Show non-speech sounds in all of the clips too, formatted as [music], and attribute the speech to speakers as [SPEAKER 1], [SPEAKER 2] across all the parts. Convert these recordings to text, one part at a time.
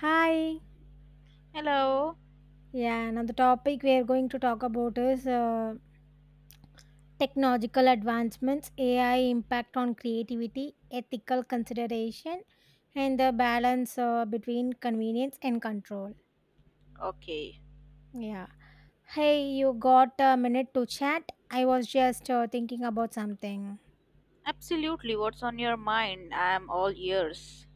[SPEAKER 1] Hi.
[SPEAKER 2] Hello.
[SPEAKER 1] Yeah, now the topic we are going to talk about is technological advancements, AI impact on creativity, ethical consideration, and the balance between convenience and control.
[SPEAKER 2] Okay.
[SPEAKER 1] Yeah. Hey, you got a minute to chat? I was just thinking about something.
[SPEAKER 2] Absolutely. What's on your mind? I'm all ears.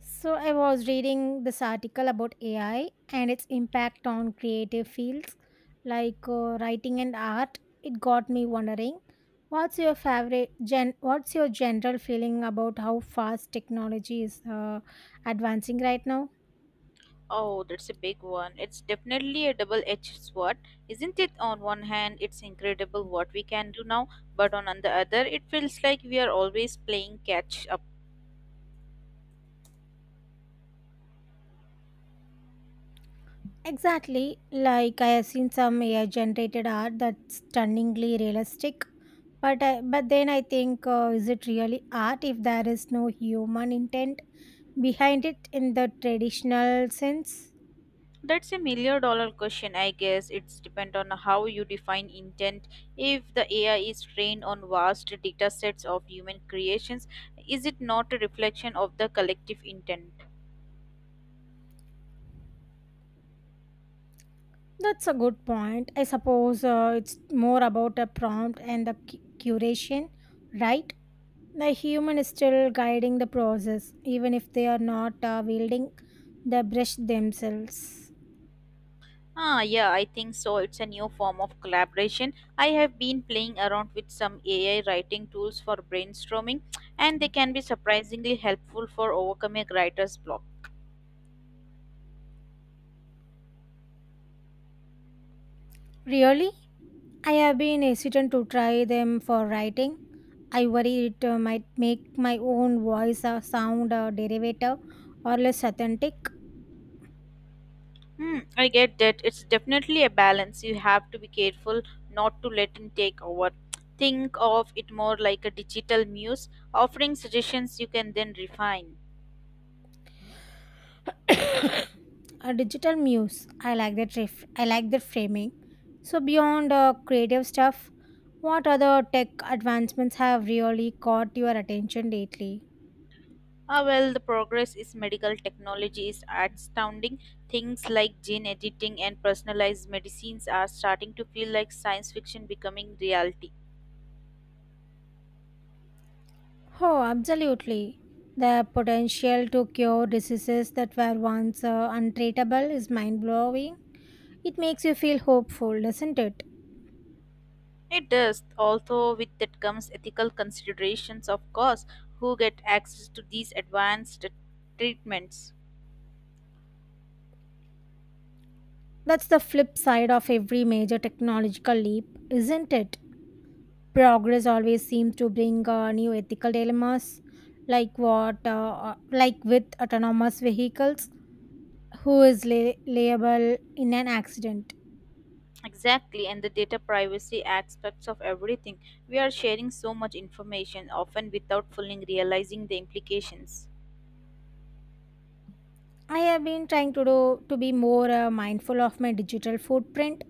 [SPEAKER 1] So I was reading this article about AI and its impact on creative fields like writing and art. It got me wondering, what's your favorite gen? What's your general feeling about how fast technology is advancing right now?
[SPEAKER 2] Oh, that's a big one. It's definitely a double edged sword, isn't it? On one hand, it's incredible what we can do now, but on the other, it feels like we are always playing catch up.
[SPEAKER 1] Exactly, like I have seen some AI generated art that's stunningly realistic. But then I think, is it really art if there is no human intent behind it in the traditional sense?
[SPEAKER 2] That's a million dollar question, I guess. It's depend on how you define intent. If the AI is trained on vast data sets of human creations, is it not a reflection of the collective intent?
[SPEAKER 1] That's a good point. I suppose it's more about a prompt and the curation, right? The human is still guiding the process, even if they are not wielding the brush themselves.
[SPEAKER 2] Yeah, I think so. It's a new form of collaboration. I have been playing around with some AI writing tools for brainstorming, and they can be surprisingly helpful for overcoming a writer's block.
[SPEAKER 1] Really? I have been hesitant to try them for writing. I worry it might make my own voice sound derivative or less authentic.
[SPEAKER 2] Hmm, I get that. It's definitely a balance. You have to be careful not to let it take over. Think of it more like a digital muse, offering suggestions you can then refine.
[SPEAKER 1] [coughs] A digital muse. I like that. I like that framing. So beyond creative stuff, what other tech advancements have really caught your attention lately?
[SPEAKER 2] The progress in medical technology is astounding. Things like gene editing and personalized medicines are starting to feel like science fiction becoming reality.
[SPEAKER 1] Oh, absolutely. The potential to cure diseases that were once untraceable is mind blowing. It makes you feel hopeful, doesn't it?
[SPEAKER 2] It does, although with that comes ethical considerations, of course, who get access to these advanced treatments.
[SPEAKER 1] That's the flip side of every major technological leap, isn't it? Progress always seems to bring new ethical dilemmas, like like with autonomous vehicles, who is liable in an accident.
[SPEAKER 2] Exactly, and the data privacy aspects of everything. We are sharing so much information, often without fully realizing the implications.
[SPEAKER 1] I have been trying to be more mindful of my digital footprint.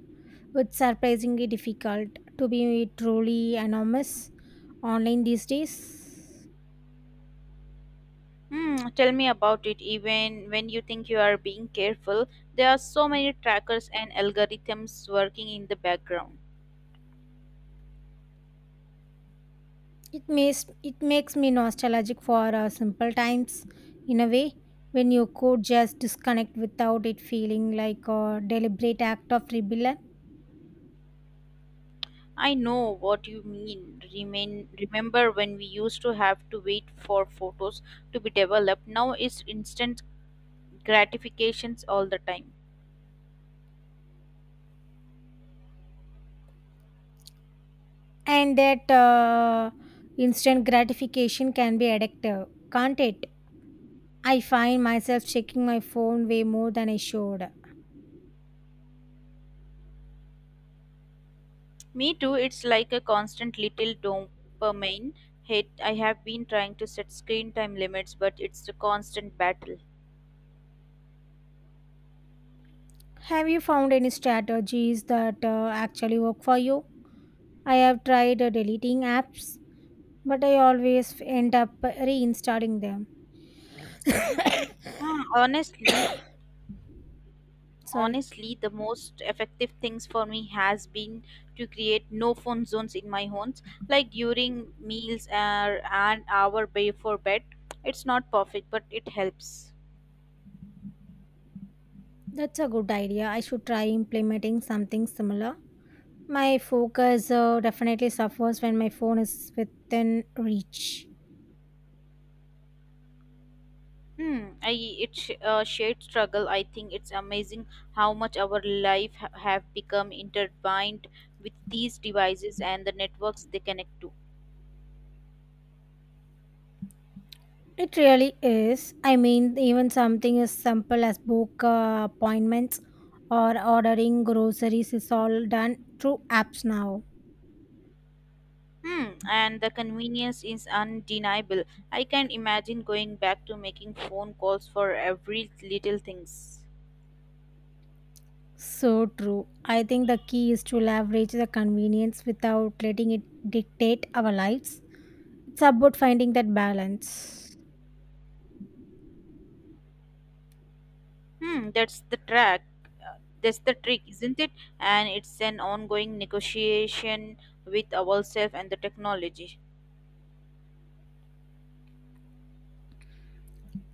[SPEAKER 1] It's surprisingly difficult to be truly anonymous online these days.
[SPEAKER 2] Hmm, tell me about it. Even when you think you are being careful, there are so many trackers and algorithms working in the background.
[SPEAKER 1] It makes it makes me nostalgic for simple times in a way when you could just disconnect without it feeling like a deliberate act of rebellion,
[SPEAKER 2] I know what you mean. Remember when we used to have to wait for photos to be developed? Now it's instant gratifications all the time.
[SPEAKER 1] and that instant gratification can be addictive, can't it? I find myself checking my phone way more than I should.
[SPEAKER 2] Me too, it's like a constant little dopamine hit. I have been trying to set screen time limits, but it's a constant battle.
[SPEAKER 1] Have you found any strategies that actually work for you? I have tried deleting apps, but I always end up reinstalling them.
[SPEAKER 2] Hmm, Honestly,
[SPEAKER 1] [coughs] Sorry.
[SPEAKER 2] Honestly, the most effective things for me has been to create no phone zones in my homes, like during meals or an hour before bed. It's not perfect, but it helps.
[SPEAKER 1] That's a good idea. I should try implementing something similar. My focus definitely suffers when my phone is within reach.
[SPEAKER 2] Hmm I it's a shared struggle, I think. It's amazing how much our life have become intertwined with these devices and the networks they connect to.
[SPEAKER 1] It really is. I mean, even something as simple as book appointments or ordering groceries is all done through apps now.
[SPEAKER 2] Hmm, and the convenience is undeniable. I can imagine going back to making phone calls for every little things.
[SPEAKER 1] So true. I think the key is to leverage the convenience without letting it dictate our lives. It's about finding that balance.
[SPEAKER 2] Hmm, that's the track. That's the trick, isn't it? And it's an ongoing negotiation with ourselves and the technology.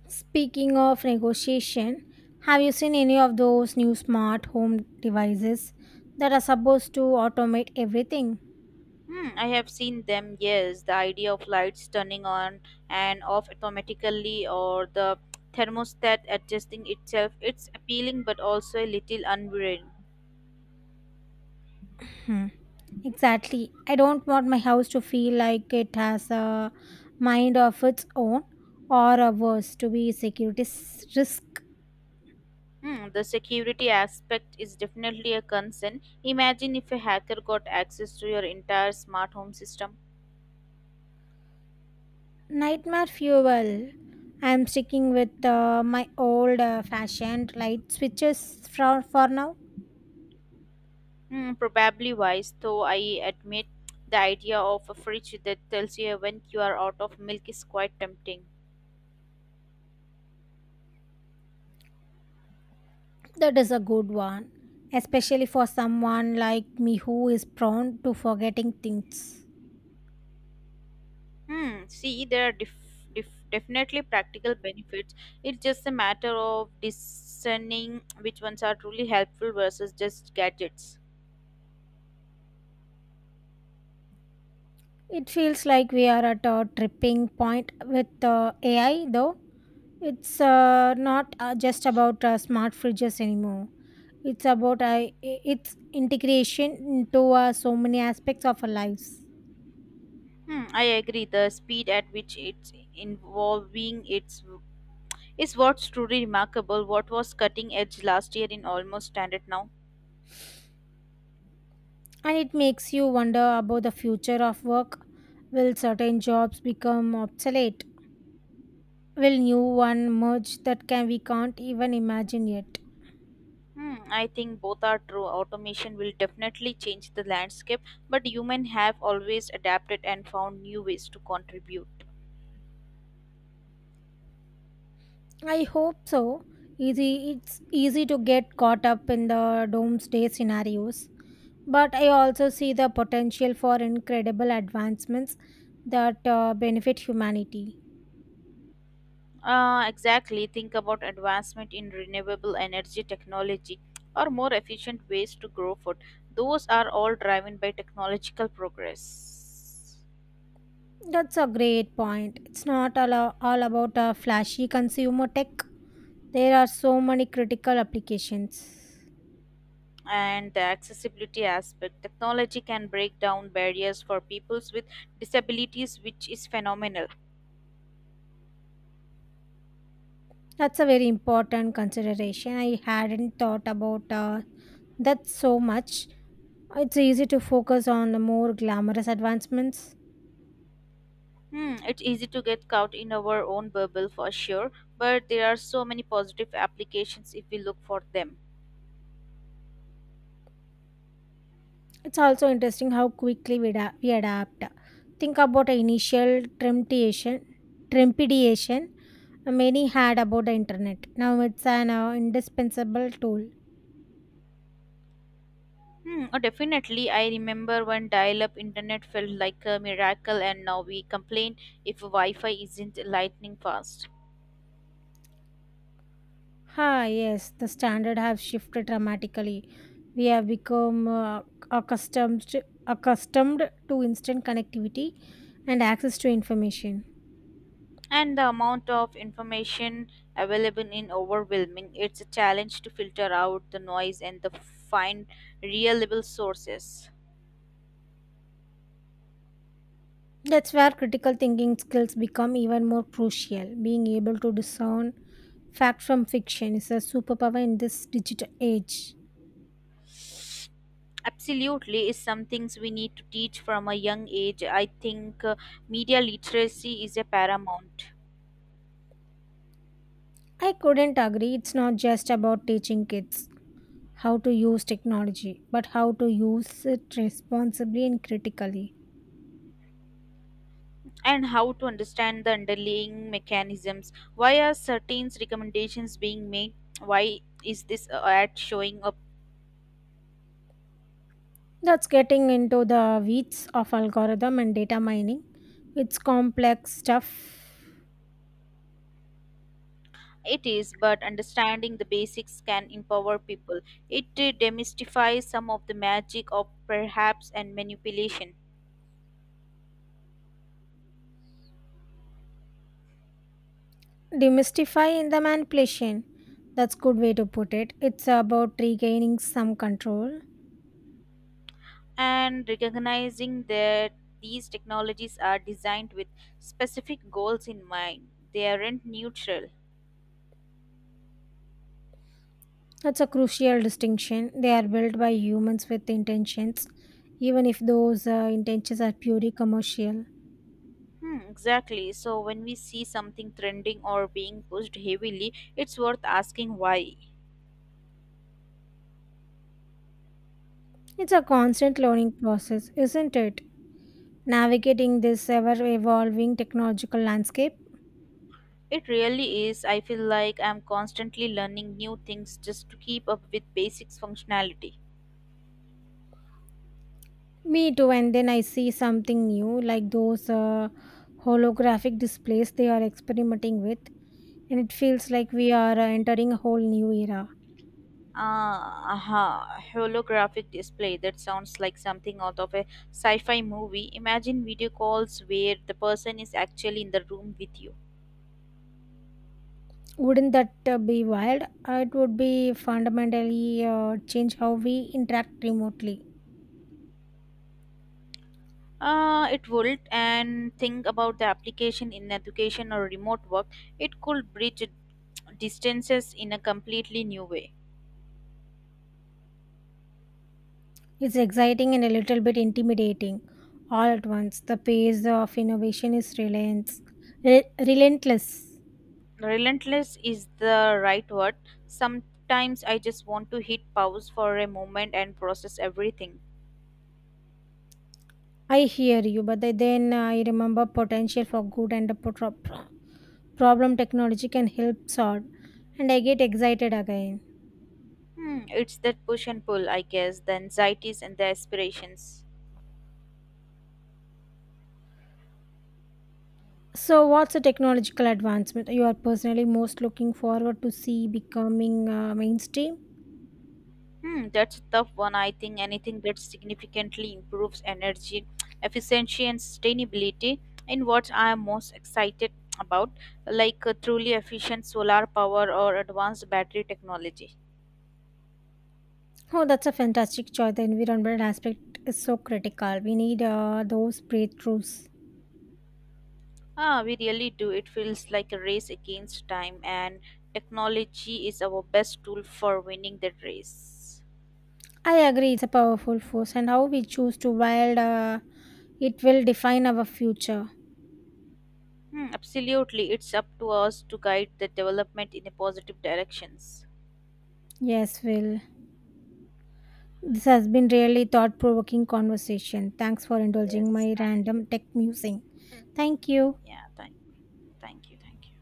[SPEAKER 1] Speaking of negotiation, have you seen any of those new smart home devices that are supposed to automate everything?
[SPEAKER 2] Hmm, I have seen them, yes. The idea of lights turning on and off automatically, or the thermostat adjusting itself. It's appealing but also a little unnerving.
[SPEAKER 1] Hmm, exactly. I don't want my house to feel like it has a mind of its own or a worse to be security risk
[SPEAKER 2] Hmm, the security aspect is definitely a concern. Imagine if a hacker got access to your entire smart home system.
[SPEAKER 1] nightmare fuel. I'm sticking with my old fashioned light switches for now.
[SPEAKER 2] Hmm, probably wise, though I admit the idea of a fridge that tells you when you are out of milk is quite tempting.
[SPEAKER 1] That is a good one, especially for someone like me who is prone to forgetting things.
[SPEAKER 2] Hmm, see, there are definitely practical benefits. It's just a matter of discerning which ones are truly helpful versus just gadgets.
[SPEAKER 1] It feels like we are at a tripping point with AI, though. It's not just about smart fridges anymore. It's about its integration into so many aspects of our lives.
[SPEAKER 2] Hmm, I agree. The speed at which it's involving its is what's truly remarkable. What was cutting edge last year in almost standard now?
[SPEAKER 1] And it makes you wonder about the future of work. Will certain jobs become obsolete? Will new one merge that can we can't even imagine yet?
[SPEAKER 2] Hmm, I think both are true. Automation will definitely change the landscape, but humans have always adapted and found new ways to contribute.
[SPEAKER 1] I hope so. It's easy to get caught up in the doomsday scenarios, but I also see the potential for incredible advancements that benefit humanity.
[SPEAKER 2] Exactly. Think about advancement in renewable energy technology or more efficient ways to grow food. Those are all driven by technological progress.
[SPEAKER 1] That's a great point. It's not all, A- all about a flashy consumer tech. There are so many critical applications.
[SPEAKER 2] And the accessibility aspect. Technology can break down barriers for peoples with disabilities, which is phenomenal.
[SPEAKER 1] That's a very important consideration. I hadn't thought about that so much. It's easy to focus on the more glamorous advancements.
[SPEAKER 2] Hmm, it's easy to get caught in our own bubble for sure, but there are so many positive applications if we look for them.
[SPEAKER 1] It's also interesting how quickly we adapt. Think about the trepidation many had about the internet. Now it's an indispensable tool.
[SPEAKER 2] Hmm, oh, Definitely. I remember when dial up internet felt like a miracle, and now we complain if Wi Fi isn't lightning fast.
[SPEAKER 1] Ah, yes, the standard have shifted dramatically. We have become accustomed accustomed to instant connectivity and access to information.
[SPEAKER 2] And the amount of information available in overwhelming. It's a challenge to filter out the noise and the find reliable sources.
[SPEAKER 1] That's where critical thinking skills become even more crucial. Being able to discern fact from fiction is a superpower in this digital age.
[SPEAKER 2] Absolutely is. Some things we need to teach from a young age, I think. Media literacy is a paramount.
[SPEAKER 1] I couldn't agree, it's not just about teaching kids how to use technology, but how to use it responsibly and critically.
[SPEAKER 2] And how to understand the underlying mechanisms, why are certain recommendations being made, why is this ad showing up.
[SPEAKER 1] That's getting into the weeds of algorithm and data mining. It's complex stuff.
[SPEAKER 2] It is, but understanding the basics can empower people. It demystifies some of the magic of perhaps and manipulation,
[SPEAKER 1] Demystifying the manipulation. That's good way to put it. It's about regaining some control.
[SPEAKER 2] and recognizing that these technologies are designed with specific goals in mind. They aren't neutral.
[SPEAKER 1] That's a crucial distinction. They are built by humans with intentions, even if those intentions are purely commercial.
[SPEAKER 2] Hmm, exactly. So when we see something trending or being pushed heavily, it's worth asking why.
[SPEAKER 1] It's a constant learning process, isn't it? Navigating this ever evolving technological landscape.
[SPEAKER 2] It really is. I feel like I'm constantly learning new things just to keep up with basics functionality.
[SPEAKER 1] Me too, and then I see something new like those holographic displays they are experimenting with, and it feels like we are entering a whole new era.
[SPEAKER 2] Aha, Holographic display. That sounds like something out of a sci fi movie. Imagine video calls where the person is actually in the room with you.
[SPEAKER 1] Wouldn't that be wild? It would be fundamentally change how we interact remotely.
[SPEAKER 2] It would, and think about the application in education or remote work. It could bridge distances in a completely new way.
[SPEAKER 1] It's exciting and a little bit intimidating all at once. The pace of innovation is relentless. Relentless.
[SPEAKER 2] Relentless is the right word. Sometimes I just want to hit pause for a moment and process everything.
[SPEAKER 1] I hear you, but then I remember potential for good and the problem technology can help solve, and I get excited again.
[SPEAKER 2] Hmm, it's that push and pull, I guess, the anxieties and the aspirations.
[SPEAKER 1] So, what's a technological advancement you are personally most looking forward to see becoming mainstream?
[SPEAKER 2] Hmm, that's a tough one. I think anything that significantly improves energy efficiency and sustainability in what I am most excited about, like truly efficient solar power or advanced battery technology.
[SPEAKER 1] Oh, that's a fantastic choice. The environmental aspect is so critical. We need those breakthroughs.
[SPEAKER 2] We really do. It feels like a race against time, and technology is our best tool for winning that race.
[SPEAKER 1] I agree, it's a powerful force, and how we choose to wield it will define our future.
[SPEAKER 2] Hmm, absolutely, it's up to us to guide the development in a positive directions.
[SPEAKER 1] Yes, Will. This has been really thought provoking conversation. Thanks for indulging
[SPEAKER 2] Yes,
[SPEAKER 1] my
[SPEAKER 2] thank you.
[SPEAKER 1] random tech musing. Thank you.
[SPEAKER 2] Yeah, thank you, thank you.